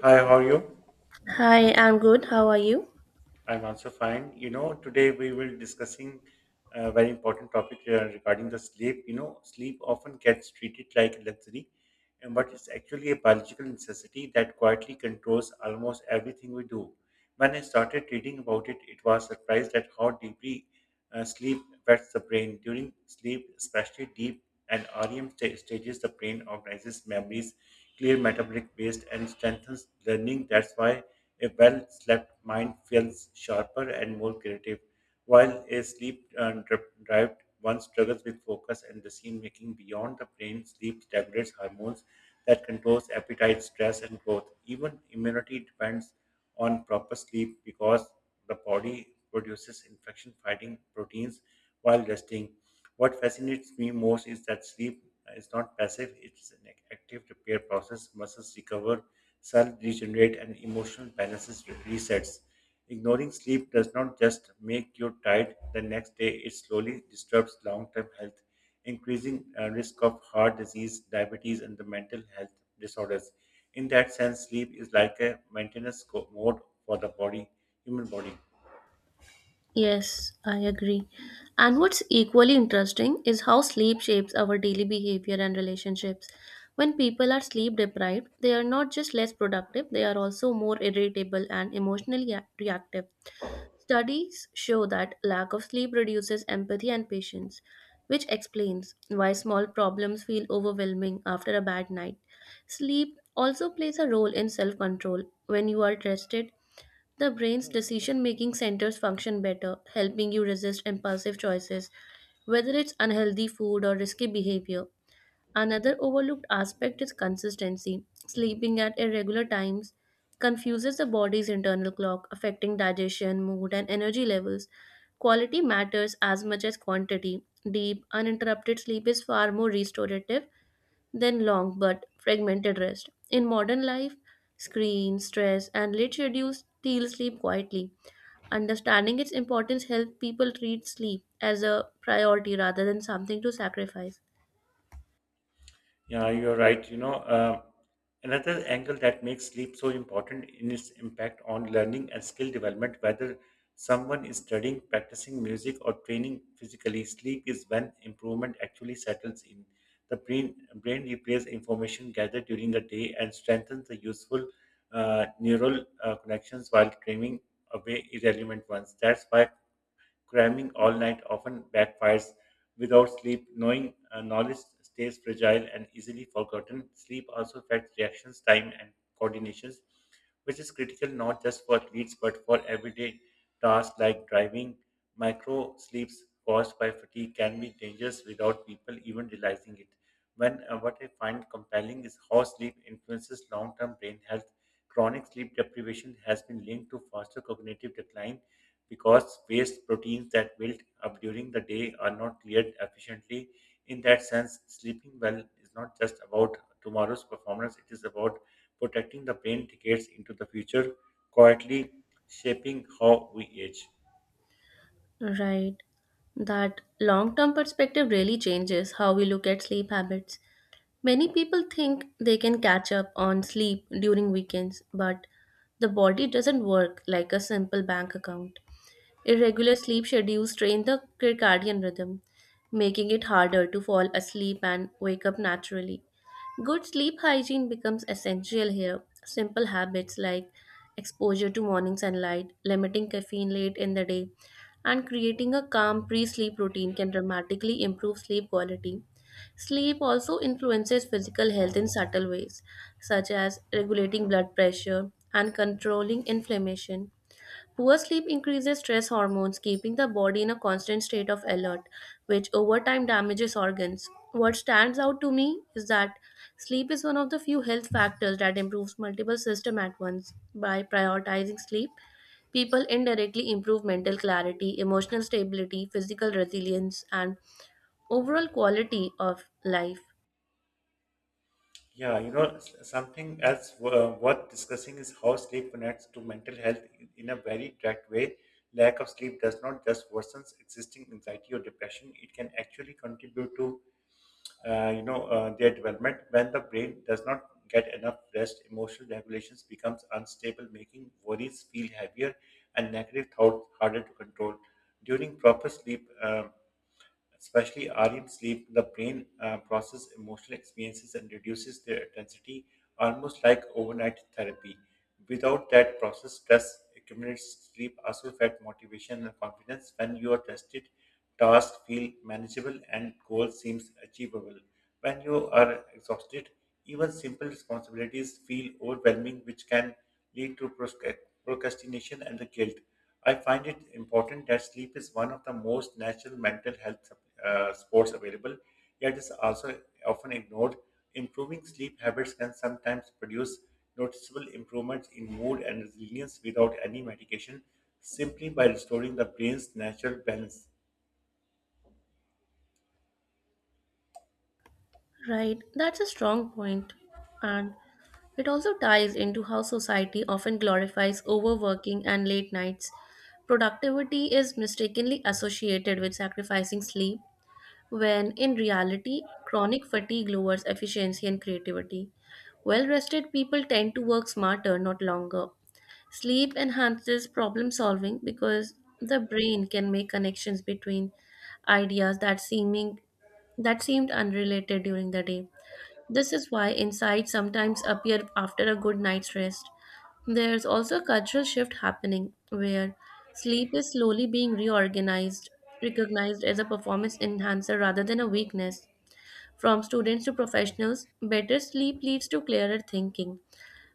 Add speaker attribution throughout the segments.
Speaker 1: Hi, how are you?
Speaker 2: Hi, I'm good. How are you?
Speaker 1: I'm also fine. You know, today we will discussing a very important topic regarding the sleep. You know, sleep often gets treated like a luxury, and but it's actually a biological necessity that quietly controls almost everything we do. When I started reading about it, it was surprised at how deeply sleep wets the brain. During sleep, especially deep and REM stages, the brain organizes memories, clear metabolic waste, and strengthens learning. That's why a well slept mind feels sharper and more creative, while a sleep deprived one struggles with focus and decision making beyond the brain. Sleep regulates hormones that controls appetite, stress, and growth. Even immunity depends on proper sleep because the body produces infection fighting proteins while resting. What fascinates me most is that sleep is not passive, it's an active repair process. Muscles recover, cells regenerate, and emotional balances resets. Ignoring sleep does not just make you tired the next day, it slowly disturbs long term health increasing risk of heart disease, diabetes, and the mental health disorders. In that sense, sleep is like a maintenance mode for the body, human body.
Speaker 2: Yes, I agree. And what's equally interesting is how sleep shapes our daily behavior and relationships. When people are sleep deprived, they are not just less productive, they are also more irritable and emotionally reactive. Studies show that lack of sleep reduces empathy and patience, which explains why small problems feel overwhelming after a bad night. Sleep also plays a role in self control. When you are rested, the brain's decision making centers function better, helping you resist impulsive choices, whether it's unhealthy food or risky behavior. Another overlooked aspect is consistency. Sleeping at irregular times confuses the body's internal clock, affecting digestion, mood, and energy levels. Quality matters as much as quantity. Deep, uninterrupted sleep is far more restorative then long but fragmented rest. In modern life, screen, stress, and late schedules steal sleep quietly. Understanding its importance helps people treat sleep as a priority rather than something to sacrifice.
Speaker 1: Yeah, you're right. You know, another angle that makes sleep so important in its impact on learning and skill development, whether someone is studying, practicing music, or training physically, sleep is when improvement actually settles in. The brain replays information gathered during the day and strengthens the useful neural connections while trimming away irrelevant ones. That's why cramming all night often backfires. Without sleep, knowing knowledge stays fragile and easily forgotten. Sleep also affects reactions time and coordinations, which is critical not just for athletes but for everyday tasks like driving. Micro sleeps caused by fatigue can be dangerous without people even realizing it. When What I find compelling is how sleep influences long-term brain health. Chronic sleep deprivation has been linked to faster cognitive decline because waste proteins that build up during the day are not cleared efficiently. In that sense, sleeping well is not just about tomorrow's performance, it is about protecting the brain decades into the future, quietly shaping how we age.
Speaker 2: Right. That long term perspective really changes how we look at sleep habits. Many people think they can catch up on sleep during weekends, but the body doesn't work like a simple bank account. Irregular sleep schedules strain the circadian rhythm, making it harder to fall asleep and wake up naturally. Good sleep hygiene becomes essential here. Simple habits like exposure to morning sunlight, limiting caffeine late in the day, and creating a calm pre sleep routine can dramatically improve sleep quality. Sleep also influences physical health in subtle ways, such as regulating blood pressure and controlling inflammation. Poor sleep increases stress hormones, keeping the body in a constant state of alert, which over time damages organs. What stands out to me is that sleep is one of the few health factors that improves multiple systems at once. By prioritizing sleep, people indirectly improve mental clarity, emotional stability, physical resilience, and overall quality of life.
Speaker 1: Yeah, you know, something else worth discussing is how sleep connects to mental health in a very direct way. Lack of sleep does not just worsen existing anxiety or depression, it can actually contribute to their development. When the brain does not get enough rest, emotional regulations becomes unstable, making worries feel heavier and negative thoughts harder to control during proper sleep. Especially REM sleep, the brain processes emotional experiences and reduces their intensity, almost like overnight therapy. Without that process, stress accumulates. Sleep also affects motivation and confidence. When you are tested, tasks feel manageable and goals seems achievable. When you are exhausted, even simple responsibilities feel overwhelming, which can lead to procrastination and the guilt. I find it important that sleep is one of the most natural mental health sports available, yet is also often ignored. Improving sleep habits can sometimes produce noticeable improvements in mood and resilience without any medication, simply by restoring the brain's natural balance.
Speaker 2: Right, that's a strong point, and it also ties into how society often glorifies overworking and late nights. Productivity is mistakenly associated with sacrificing sleep, when in reality, chronic fatigue lowers efficiency and creativity. Well rested people tend to work smarter, not longer. Sleep enhances problem solving because the brain can make connections between ideas that seemed unrelated during the day. This is why insights sometimes appear after a good night's rest. There's also a cultural shift happening where sleep is slowly being reorganized, recognized as a performance enhancer rather than a weakness. From students to professionals, better sleep leads to clearer thinking,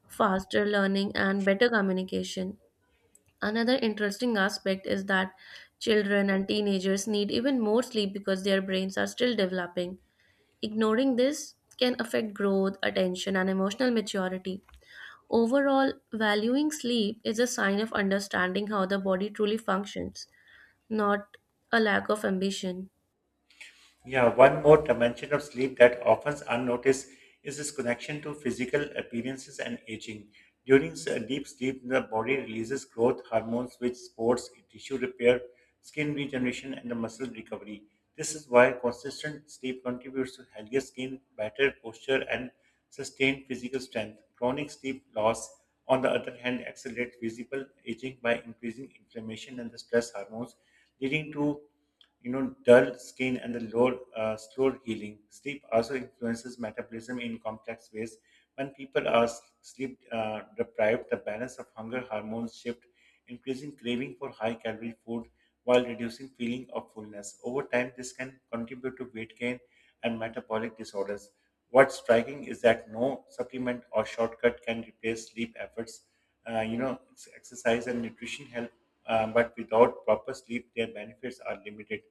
Speaker 2: faster learning, and better communication. Another interesting aspect is that children and teenagers need even more sleep because their brains are still developing. Ignoring this can affect growth, attention, and emotional maturity. Overall, valuing sleep is a sign of understanding how the body truly functions, not a lack of ambition.
Speaker 1: Yeah, one more dimension of sleep that often unnoticed is its connection to physical appearances and aging. During deep sleep, the body releases growth hormones which supports tissue repair, skin regeneration, and the muscle recovery. This is why consistent sleep contributes to healthier skin, better posture, and sustained physical strength. Chronic sleep loss, on the other hand, accelerates visible aging by increasing inflammation and the stress hormones, leading to dull skin and the low, slow healing. Sleep also influences metabolism in complex ways. When people are sleep deprived, the balance of hunger hormones shift, increasing craving for high calorie food while reducing feeling of fullness. Over time, this can contribute to weight gain and metabolic disorders. What's striking is that no supplement or shortcut can replace sleep efforts. Exercise and nutrition help, but without proper sleep, their benefits are limited.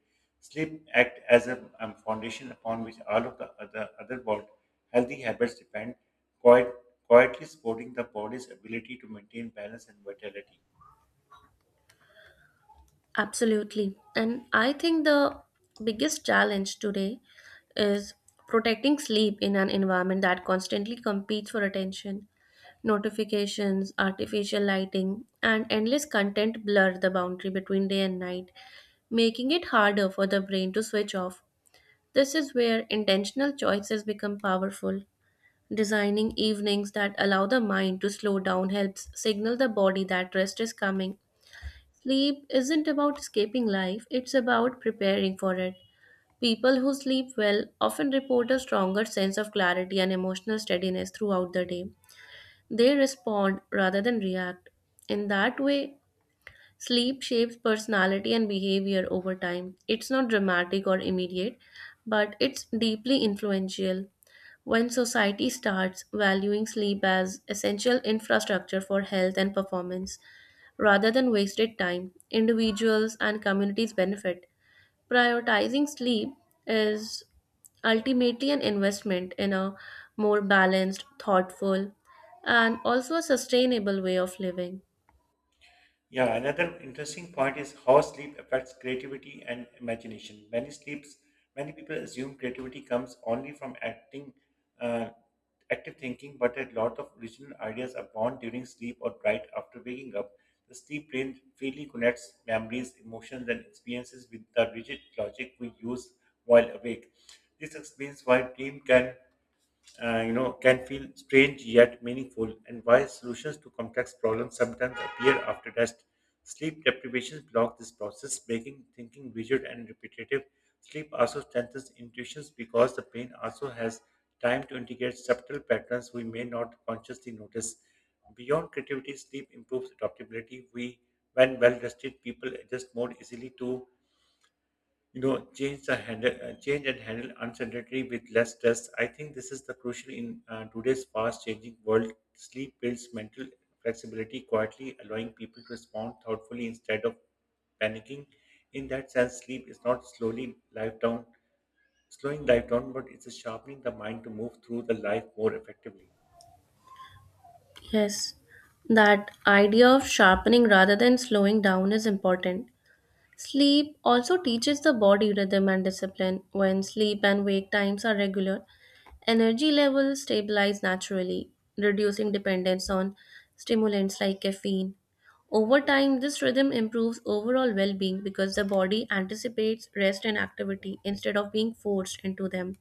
Speaker 1: Sleep act as a foundation upon which all of the other healthy habits depend, quiet, quietly supporting the body's ability to maintain balance and vitality.
Speaker 2: Absolutely. And I think the biggest challenge today is protecting sleep in an environment that constantly competes for attention. Notifications, artificial lighting, and endless content blur the boundary between day and night, making it harder for the brain to switch off. This is where intentional choices become powerful. Designing evenings that allow the mind to slow down helps signal the body that rest is coming. Sleep isn't about escaping life, it's about preparing for it. People who sleep well often report a stronger sense of clarity and emotional steadiness throughout the day. They respond rather than react. In that way, sleep shapes personality and behavior over time. It's not dramatic or immediate, but it's deeply influential. When society starts valuing sleep as essential infrastructure for health and performance, rather than wasted time, individuals and communities benefit. Prioritizing sleep is ultimately an investment in a more balanced, thoughtful, and also a sustainable way of living.
Speaker 1: Yeah, another interesting point is how sleep affects creativity and imagination. Many people assume creativity comes only from uh, active thinking, but a lot of original ideas are born during sleep or right after waking up. The sleep brain freely connects memories, emotions, and experiences with the rigid logic we use while awake. This explains why dream can can feel strange yet meaningful, and why solutions to complex problems sometimes appear after rest. Sleep deprivation blocks this process, making thinking rigid and repetitive. Sleep also strengthens intuitions because the brain also has time to integrate subtle patterns we may not consciously notice. Beyond creativity, sleep improves adaptability. We when well rested, people adjust more easily to change and handle uncertainty with less stress. I think this is the crucial in today's fast changing world. Sleep builds mental flexibility, quietly allowing people to respond thoughtfully instead of panicking. In that sense, sleep is not slowly life down slowing life down, but it's a sharpening the mind to move through the life more effectively.
Speaker 2: Yes, that idea of sharpening rather than slowing down is important. Sleep also teaches the body rhythm and discipline. When sleep and wake times are regular, energy levels stabilize naturally, reducing dependence on stimulants like caffeine. Over time, this rhythm improves overall well being because the body anticipates rest and activity instead of being forced into them.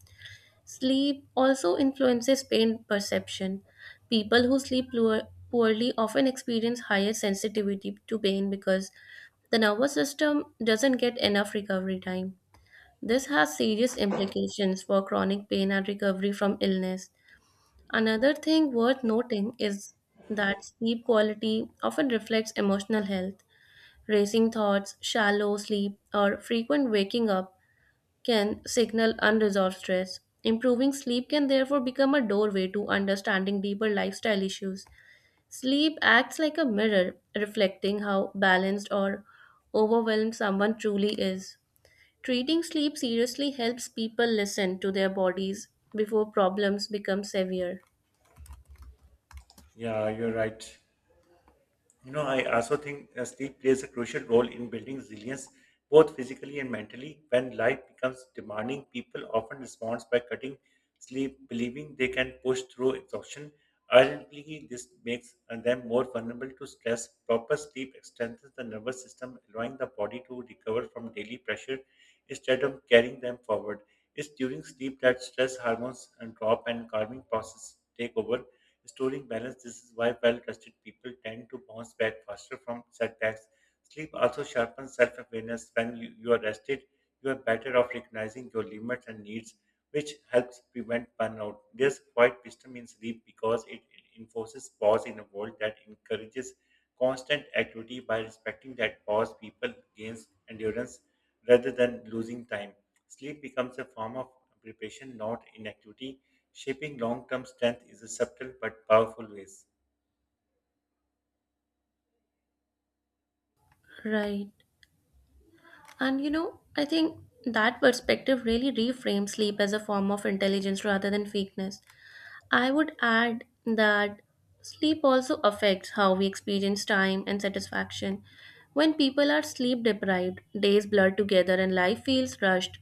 Speaker 2: Sleep also influences pain perception. People who sleep poorly often experience higher sensitivity to pain because the nervous system doesn't get enough recovery time. This has serious implications for chronic pain and recovery from illness. Another thing worth noting is that sleep quality often reflects emotional health. Racing thoughts, shallow sleep, or frequent waking up can signal unresolved stress. Improving sleep can therefore become a doorway to understanding deeper lifestyle issues. Sleep acts like a mirror, reflecting how balanced or overwhelmed someone truly is. Treating sleep seriously helps people listen to their bodies before problems become severe.
Speaker 1: Yeah, you're right. You know, I also think sleep plays a crucial role in building resilience, both physically and mentally. When life becomes demanding, people often respond by cutting sleep, believing they can push through exhaustion. Ultimately, this makes them more vulnerable to stress. Proper sleep strengthens the nervous system, allowing the body to recover from daily pressure instead of carrying them forward. It's during sleep that stress hormones and drop and calming process take over, restoring balance. This is why well rested people tend to bounce back faster from setbacks. Sleep also sharpens self awareness. When you are rested, you are better off recognizing your limits and needs, which helps prevent burnout. There's quite wisdom in sleep because it enforces pause in a world that encourages constant activity. By respecting that pause, people gain endurance rather than losing time. Sleep becomes a form of preparation, not inactivity, shaping long term strength is a subtle but powerful ways.
Speaker 2: Right. And you know, I think that perspective really reframes sleep as a form of intelligence rather than weakness. I would add that sleep also affects how we experience time and satisfaction. When people are sleep deprived, days blur together and life feels rushed.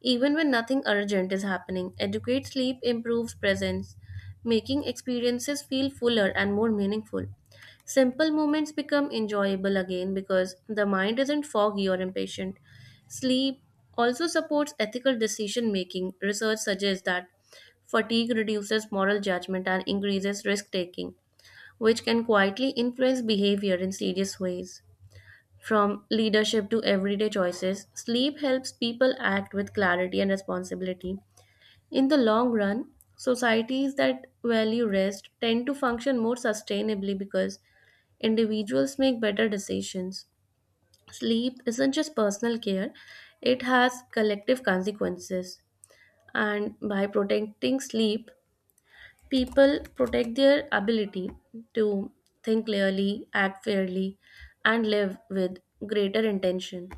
Speaker 2: Even when nothing urgent is happening, adequate sleep improves presence, making experiences feel fuller and more meaningful. Simple moments become enjoyable again because the mind isn't foggy or impatient. Sleep also supports ethical decision making. Research suggests that fatigue reduces moral judgment and increases risk taking, which can quietly influence behavior in serious ways. From leadership to everyday choices, sleep helps people act with clarity and responsibility. In the long run, societies that value rest tend to function more sustainably because individuals make better decisions. Sleep isn't just personal care, it has collective consequences. And by protecting sleep, people protect their ability to think clearly, act fairly, and live with greater intention.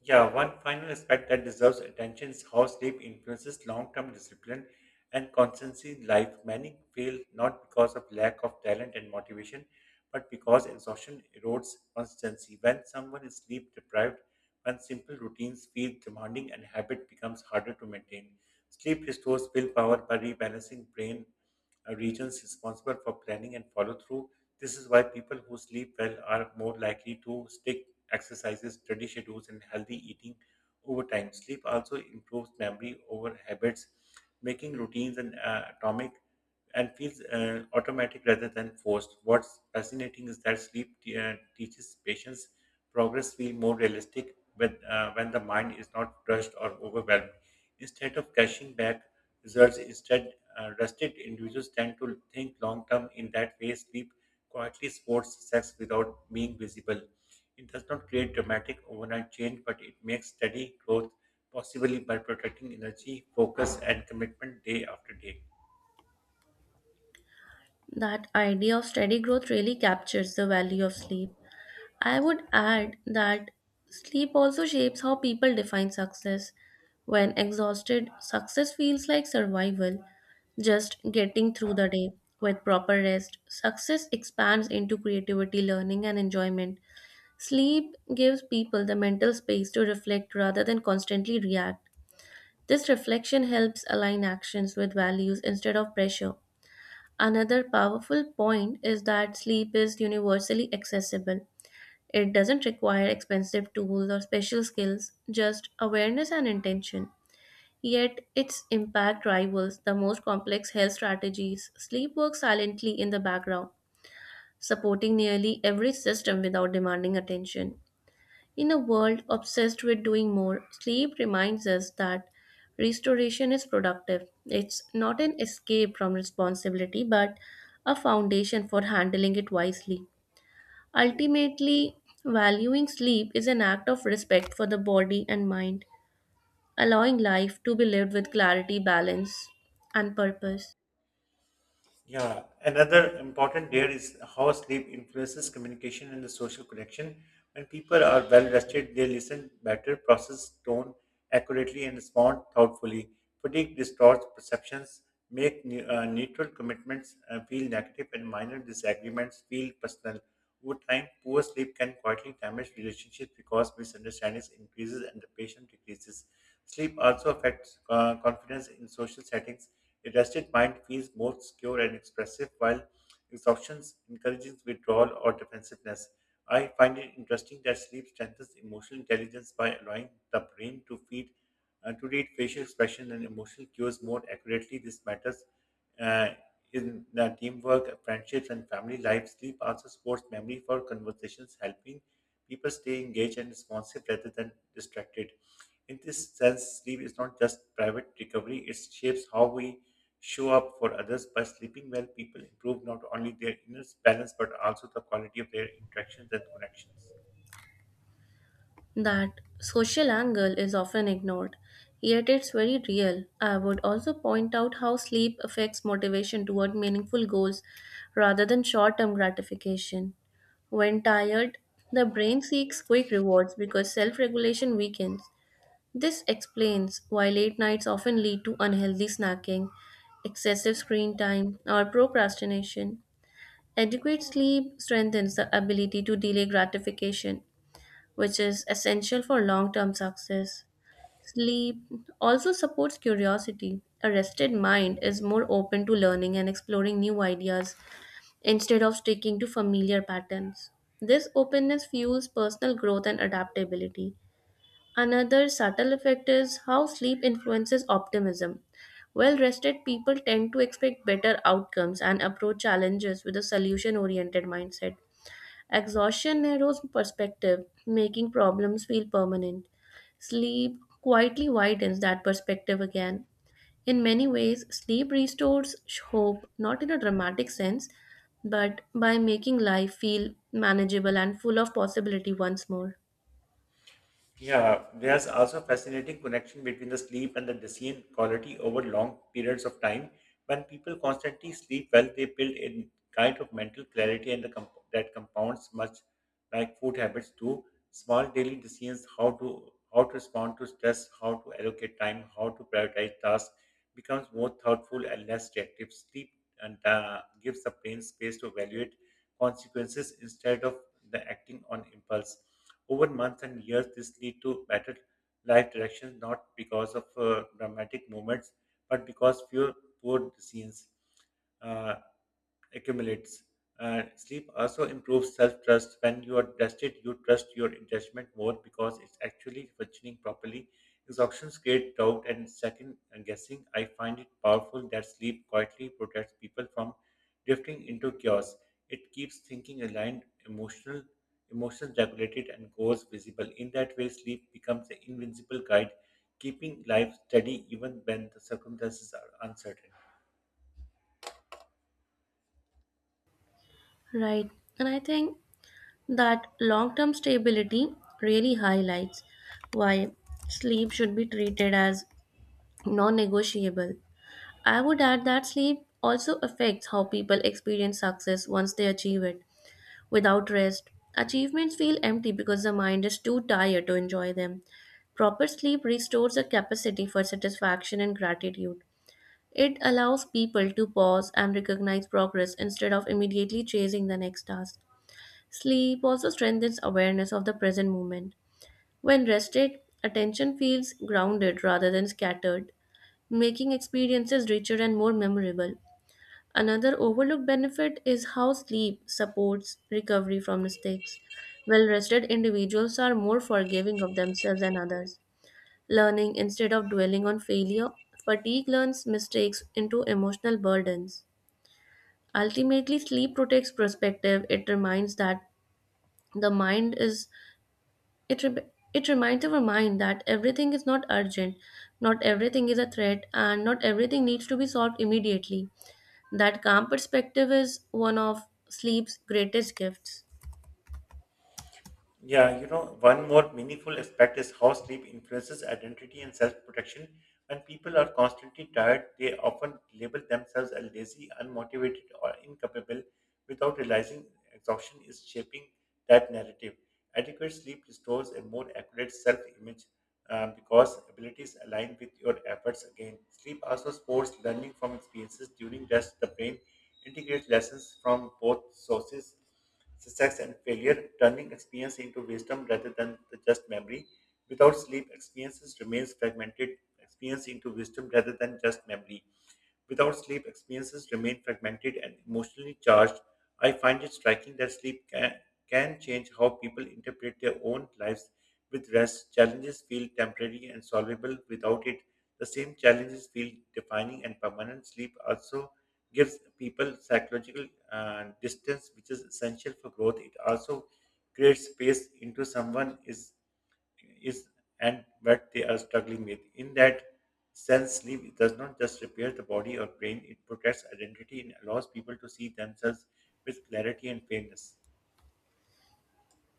Speaker 1: Yeah, one final aspect that deserves attention is how sleep influences long term discipline and constancy in life. Many fail not because of lack of talent and motivation, but because exhaustion erodes constancy. When someone is sleep deprived, when simple routines feel demanding and habit becomes harder to maintain, sleep restores willpower by rebalancing brain regions responsible for planning and follow through. This is why people who sleep well are more likely to stick exercises, study schedules, and healthy eating over time. Sleep also improves memory over habits, making routines and atomic and feels automatic rather than forced. What's fascinating is that sleep teaches patience. Progress feel more realistic when the mind is not rushed or overwhelmed. Instead of cashing back results, instead rested individuals tend to think long term. In that way, sleep quietly supports sex without being visible. It does not create dramatic overnight change, but it makes steady growth possible by protecting energy, focus, and commitment day after day.
Speaker 2: That idea of steady growth really captures the value of sleep. I would add that sleep also shapes how people define success. When exhausted, success feels like survival, just getting through the day. With proper rest, success expands into creativity, learning, and enjoyment. Sleep gives people the mental space to reflect rather than constantly react. This reflection helps align actions with values instead of pressure. Another powerful point is that sleep is universally accessible. It doesn't require expensive tools or special skills, just awareness and intention. Yet, its impact rivals the most complex health strategies. Sleep works silently in the background, supporting nearly every system without demanding attention. In a world obsessed with doing more, sleep reminds us that restoration is productive. It's not an escape from responsibility, but a foundation for handling it wisely. Ultimately, valuing sleep is an act of respect for the body and mind, allowing life to be lived with clarity, balance, and purpose.
Speaker 1: Yeah, another important layer is how sleep influences communication and the social connection. When people are well rested, they listen better, process tone accurately, and respond thoughtfully. Fatigue distorts perceptions, make neutral commitments feel negative, and minor disagreements feel personal. Over time, poor sleep can quietly damage relationships because misunderstandings increases and the patient decreases. Sleep also affects confidence in social settings. A rested mind feels more secure and expressive, while exhaustion encourages withdrawal or defensiveness. I find it interesting that sleep strengthens emotional intelligence by allowing the brain to read facial expression and emotional cues more accurately. This matters uh, in teamwork, friendships, and family life. Sleep also supports memory for conversations, helping people stay engaged and responsive rather than distracted. In this sense, sleep is not just private recovery, it shapes how we show up for others. By sleeping well, people improve not only their inner balance but also the quality of their interactions and connections.
Speaker 2: That social angle is often ignored, yet it's very real. I would also point out how sleep affects motivation toward meaningful goals rather than short term gratification. When tired, the brain seeks quick rewards because self regulation weakens. This explains why late nights often lead to unhealthy snacking, excessive screen time, or procrastination. Adequate sleep strengthens the ability to delay gratification which is essential for long term success. Sleep also supports curiosity. A rested mind is more open to learning and exploring new ideas instead of sticking to familiar patterns. This openness fuels personal growth and adaptability. Another subtle effect is how sleep influences optimism. Well rested people tend to expect better outcomes and approach challenges with a solution oriented mindset. Exhaustion narrows perspective, making problems feel permanent. Sleep quietly widens that perspective again. In many ways, sleep restores hope, not in a dramatic sense, but by making life feel manageable and full of possibility once more.
Speaker 1: Yeah, there's also fascinating connection between the sleep and the decision quality over long periods of time. When people constantly sleep well, they build a kind of mental clarity and that compounds much like food habits do. Small daily decisions, how to respond to stress, how to allocate time, how to prioritize tasks, becomes more thoughtful and less reactive. Sleep and gives the brain space to evaluate consequences instead of the acting on impulse. Over months and years, this lead to better life directions, not because of dramatic moments, but because fewer poor decisions. Uh, Accumulates. Sleep also improves self trust. When you are rested, you trust your judgment more because it's actually functioning properly. Exhaustions creates doubt and second guessing. I find it powerful that sleep quietly protects people from drifting into chaos. It keeps thinking aligned, emotions regulated, and goals visible. In that way, sleep becomes an invincible guide, keeping life steady even when the circumstances are uncertain.
Speaker 2: Right. And I think that long term stability really highlights why sleep should be treated as non negotiable. I would add that sleep also affects how people experience success once they achieve it. Without rest, achievements feel empty because the mind is too tired to enjoy them. Proper sleep restores the capacity for satisfaction and gratitude. It allows people to pause and recognize progress instead of immediately chasing the next task. Sleep also strengthens awareness of the present moment. When rested, attention feels grounded rather than scattered, making experiences richer and more memorable. Another overlooked benefit is how sleep supports recovery from mistakes. Well rested individuals are more forgiving of themselves and others. Learning instead of dwelling on failure, fatigue learns mistakes into emotional burdens. Ultimately, sleep protects perspective. It reminds that the mind is it re- it reminds our mind that everything is not urgent, not everything is a threat, and not everything needs to be solved immediately. That calm perspective is one of sleep's greatest gifts.
Speaker 1: Yeah, you know, one more meaningful aspect is how sleep influences identity and self protection. When people are constantly tired, they often label themselves as lazy, unmotivated, or incapable without realizing exhaustion is shaping that narrative. Adequate sleep restores a more accurate self image because abilities align with your efforts again. Sleep also supports learning from experiences during rest. The brain integrates lessons from both sources, success and failure, turning experience into wisdom rather than the just memory. Without sleep, experiences remains fragmented, experience into wisdom rather than just memory. Without sleep, experiences remain fragmented and emotionally charged. I find it striking that sleep can change how people interpret their own lives. With rest, challenges feel temporary and solvable. Without it, the same challenges feel defining and permanent. Sleep also gives people psychological distance, which is essential for growth. It also creates space into someone is and what they are struggling with. In that sense, sleep does not just repair the body or brain; it protects identity and allows people to see themselves with clarity and fairness.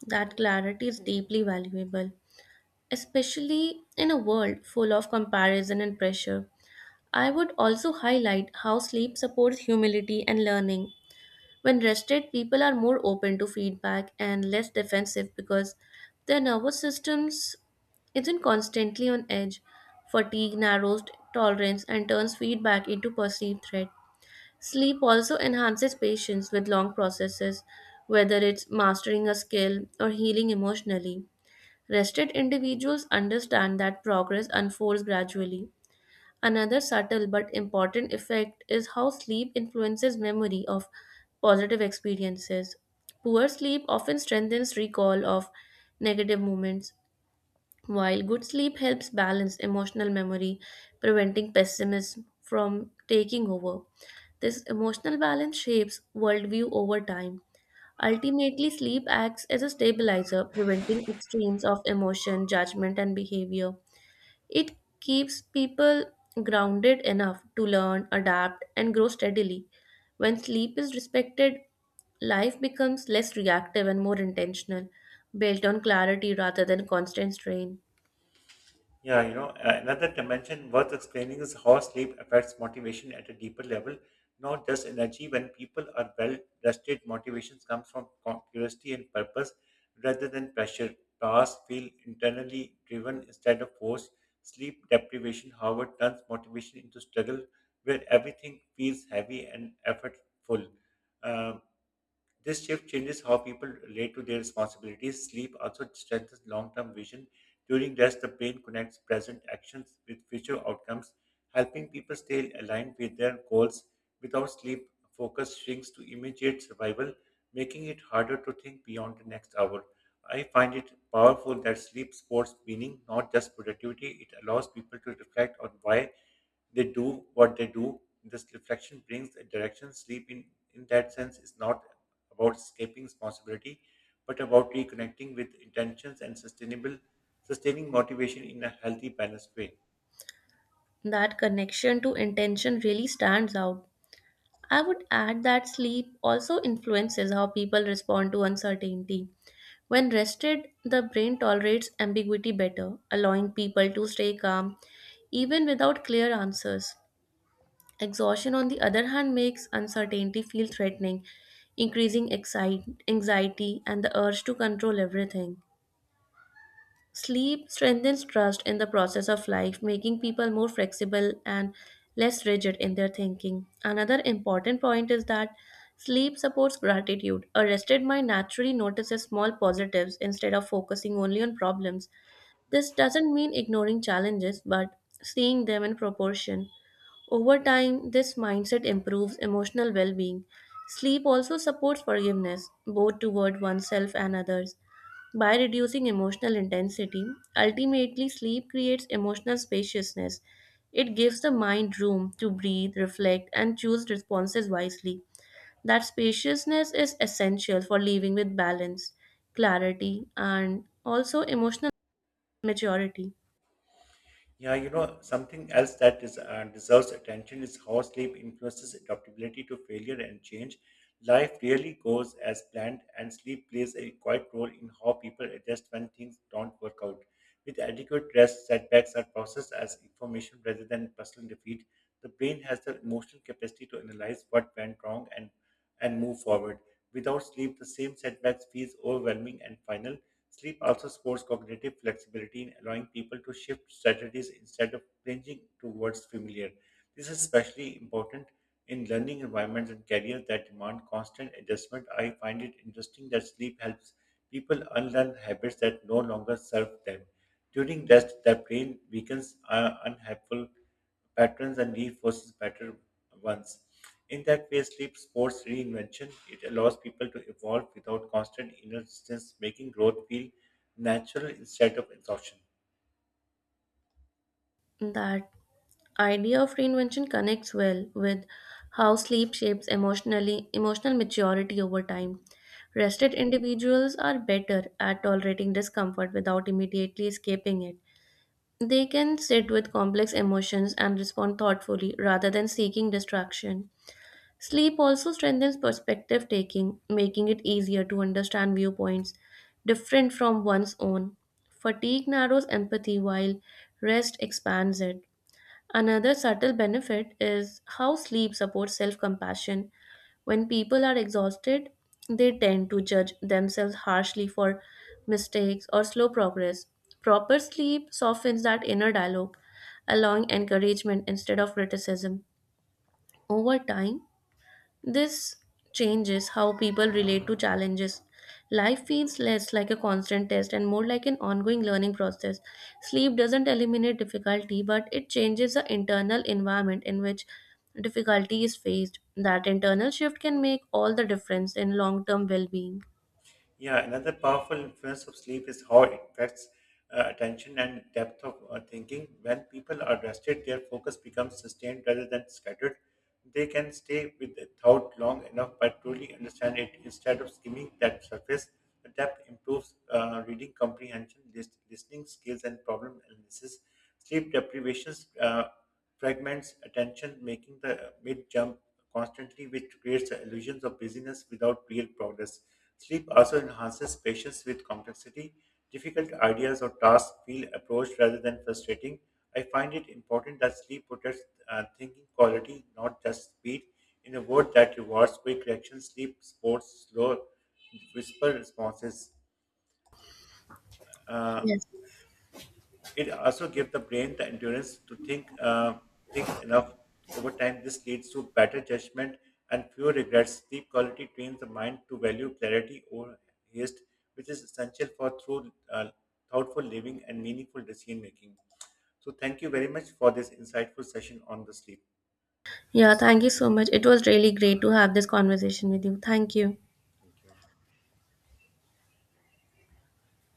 Speaker 2: That clarity is deeply valuable, especially in a world full of comparison and pressure. I would also highlight how sleep supports humility and learning. When rested, people are more open to feedback and less defensive because their nervous systems isn't constantly on edge. Fatigue narrows tolerance and turns feedback into perceived threat. Sleep also enhances patience with long processes, whether it's mastering a skill or healing emotionally. Rested individuals understand that progress unfolds gradually. Another subtle but important effect is how sleep influences memory of positive experiences. Poor sleep often strengthens recall of negative moments, while good sleep helps balance emotional memory, preventing pessimism from taking over. This emotional balance shapes worldview over time. Ultimately, sleep acts as a stabilizer, preventing extremes of emotion, judgment, and behavior. It keeps people grounded enough to learn, adapt, and grow steadily. When sleep is respected, life becomes less reactive and more intentional, built on clarity rather than constant strain.
Speaker 1: Yeah, you know, another dimension worth explaining is how sleep affects motivation at a deeper level, not just energy. When people are well rested, motivations come from curiosity and purpose rather than pressure. Tasks feel internally driven instead of forced. Sleep deprivation, however, turns motivation into struggle where everything feels heavy and effortful. Um, this shift changes how people relate to their responsibilities. Sleep also strengthens long term vision. During rest, the brain connects present actions with future outcomes, helping people stay aligned with their goals. Without sleep, focus shrinks to immediate survival, making it harder to think beyond the next hour. I find it powerful that sleep sports meaning, not just productivity. It allows people to reflect on why they do what they do. This reflection brings a direction. Sleep, in that sense, is not about escaping responsibility, but about reconnecting with intentions and sustainable sustaining motivation in a healthy, balanced way.
Speaker 2: That connection to intention really stands out. I would add that sleep also influences how people respond to uncertainty. When rested, the brain tolerates ambiguity better, allowing people to stay calm even without clear answers. Exhaustion, on the other hand, makes uncertainty feel threatening, increasing anxiety and the urge to control everything. Sleep strengthens trust in the process of life, making people more flexible and less rigid in their thinking. Another important point is that sleep supports gratitude. A rested mind naturally notices small positives instead of focusing only on problems. This doesn't mean ignoring challenges, but seeing them in proportion. Over time, this mindset improves emotional well being. Sleep also supports forgiveness, both toward oneself and others. By reducing emotional intensity, ultimately, sleep creates emotional spaciousness. It gives the mind room to breathe, reflect, and choose responses wisely. That spaciousness is essential for living with balance, clarity, and also emotional maturity.
Speaker 1: Yeah, you know, something else that deserves attention is how sleep influences adaptability to failure and change. Life rarely goes as planned, and sleep plays a quiet role in how people adjust when things don't work out. With adequate rest, setbacks are processed as information rather than personal defeat. The brain has the emotional capacity to analyze what went wrong and move forward. Without sleep, the same setbacks feels overwhelming and final. Sleep also supports cognitive flexibility in allowing people to shift strategies instead of clinging towards familiar. This is especially important in learning environments and careers that demand constant adjustment. I find it interesting that sleep helps people unlearn habits that no longer serve them. During rest, the brain weakens unhelpful patterns and reinforces better ones. In that way, sleep supports reinvention. It allows people to evolve without constant inner resistance, making growth feel natural instead of exhaustion.
Speaker 2: That idea of reinvention connects well with how sleep shapes emotional maturity over time. Rested individuals are better at tolerating discomfort without immediately escaping it. They can sit with complex emotions and respond thoughtfully rather than seeking distraction. Sleep also strengthens perspective taking, making it easier to understand viewpoints different from one's own. Fatigue narrows empathy while rest expands it. Another subtle benefit is how sleep supports self compassion. When people are exhausted, they tend to judge themselves harshly for mistakes or slow progress. Proper sleep softens that inner dialogue, allowing encouragement instead of criticism. Over time, this changes how people relate to challenges. Life feels less like a constant test and more like an ongoing learning process. Sleep doesn't eliminate difficulty, but it changes the internal environment in which difficulty is faced. That internal shift can make all the difference in long term well being.
Speaker 1: Yeah, another powerful influence of sleep is how it affects attention and depth of thinking. When people are rested, their focus becomes sustained rather than scattered. They can stay with a thought long enough but truly understand it instead of skimming that surface. The depth improves reading comprehension, listening skills, and problem analysis. Sleep deprivations. Fragments attention, making the mid jump constantly, which creates the illusions of busyness without real progress. Sleep also enhances patience with complexity. Difficult ideas or tasks feel approached rather than frustrating. I find it important that sleep protects thinking quality, not just speed. In a world that rewards quick reaction, sleep supports slow whisper responses. Uh,
Speaker 2: Yes.
Speaker 1: it also gives the brain the endurance to think things enough over time. This leads to better judgment and fewer regrets. Sleep quality trains the mind to value clarity over haste, which is essential for through thoughtful living and meaningful decision making. So, thank you very much for this insightful session on the sleep.
Speaker 2: Yeah, thank you so much. It was really great to have this conversation with you. Thank you.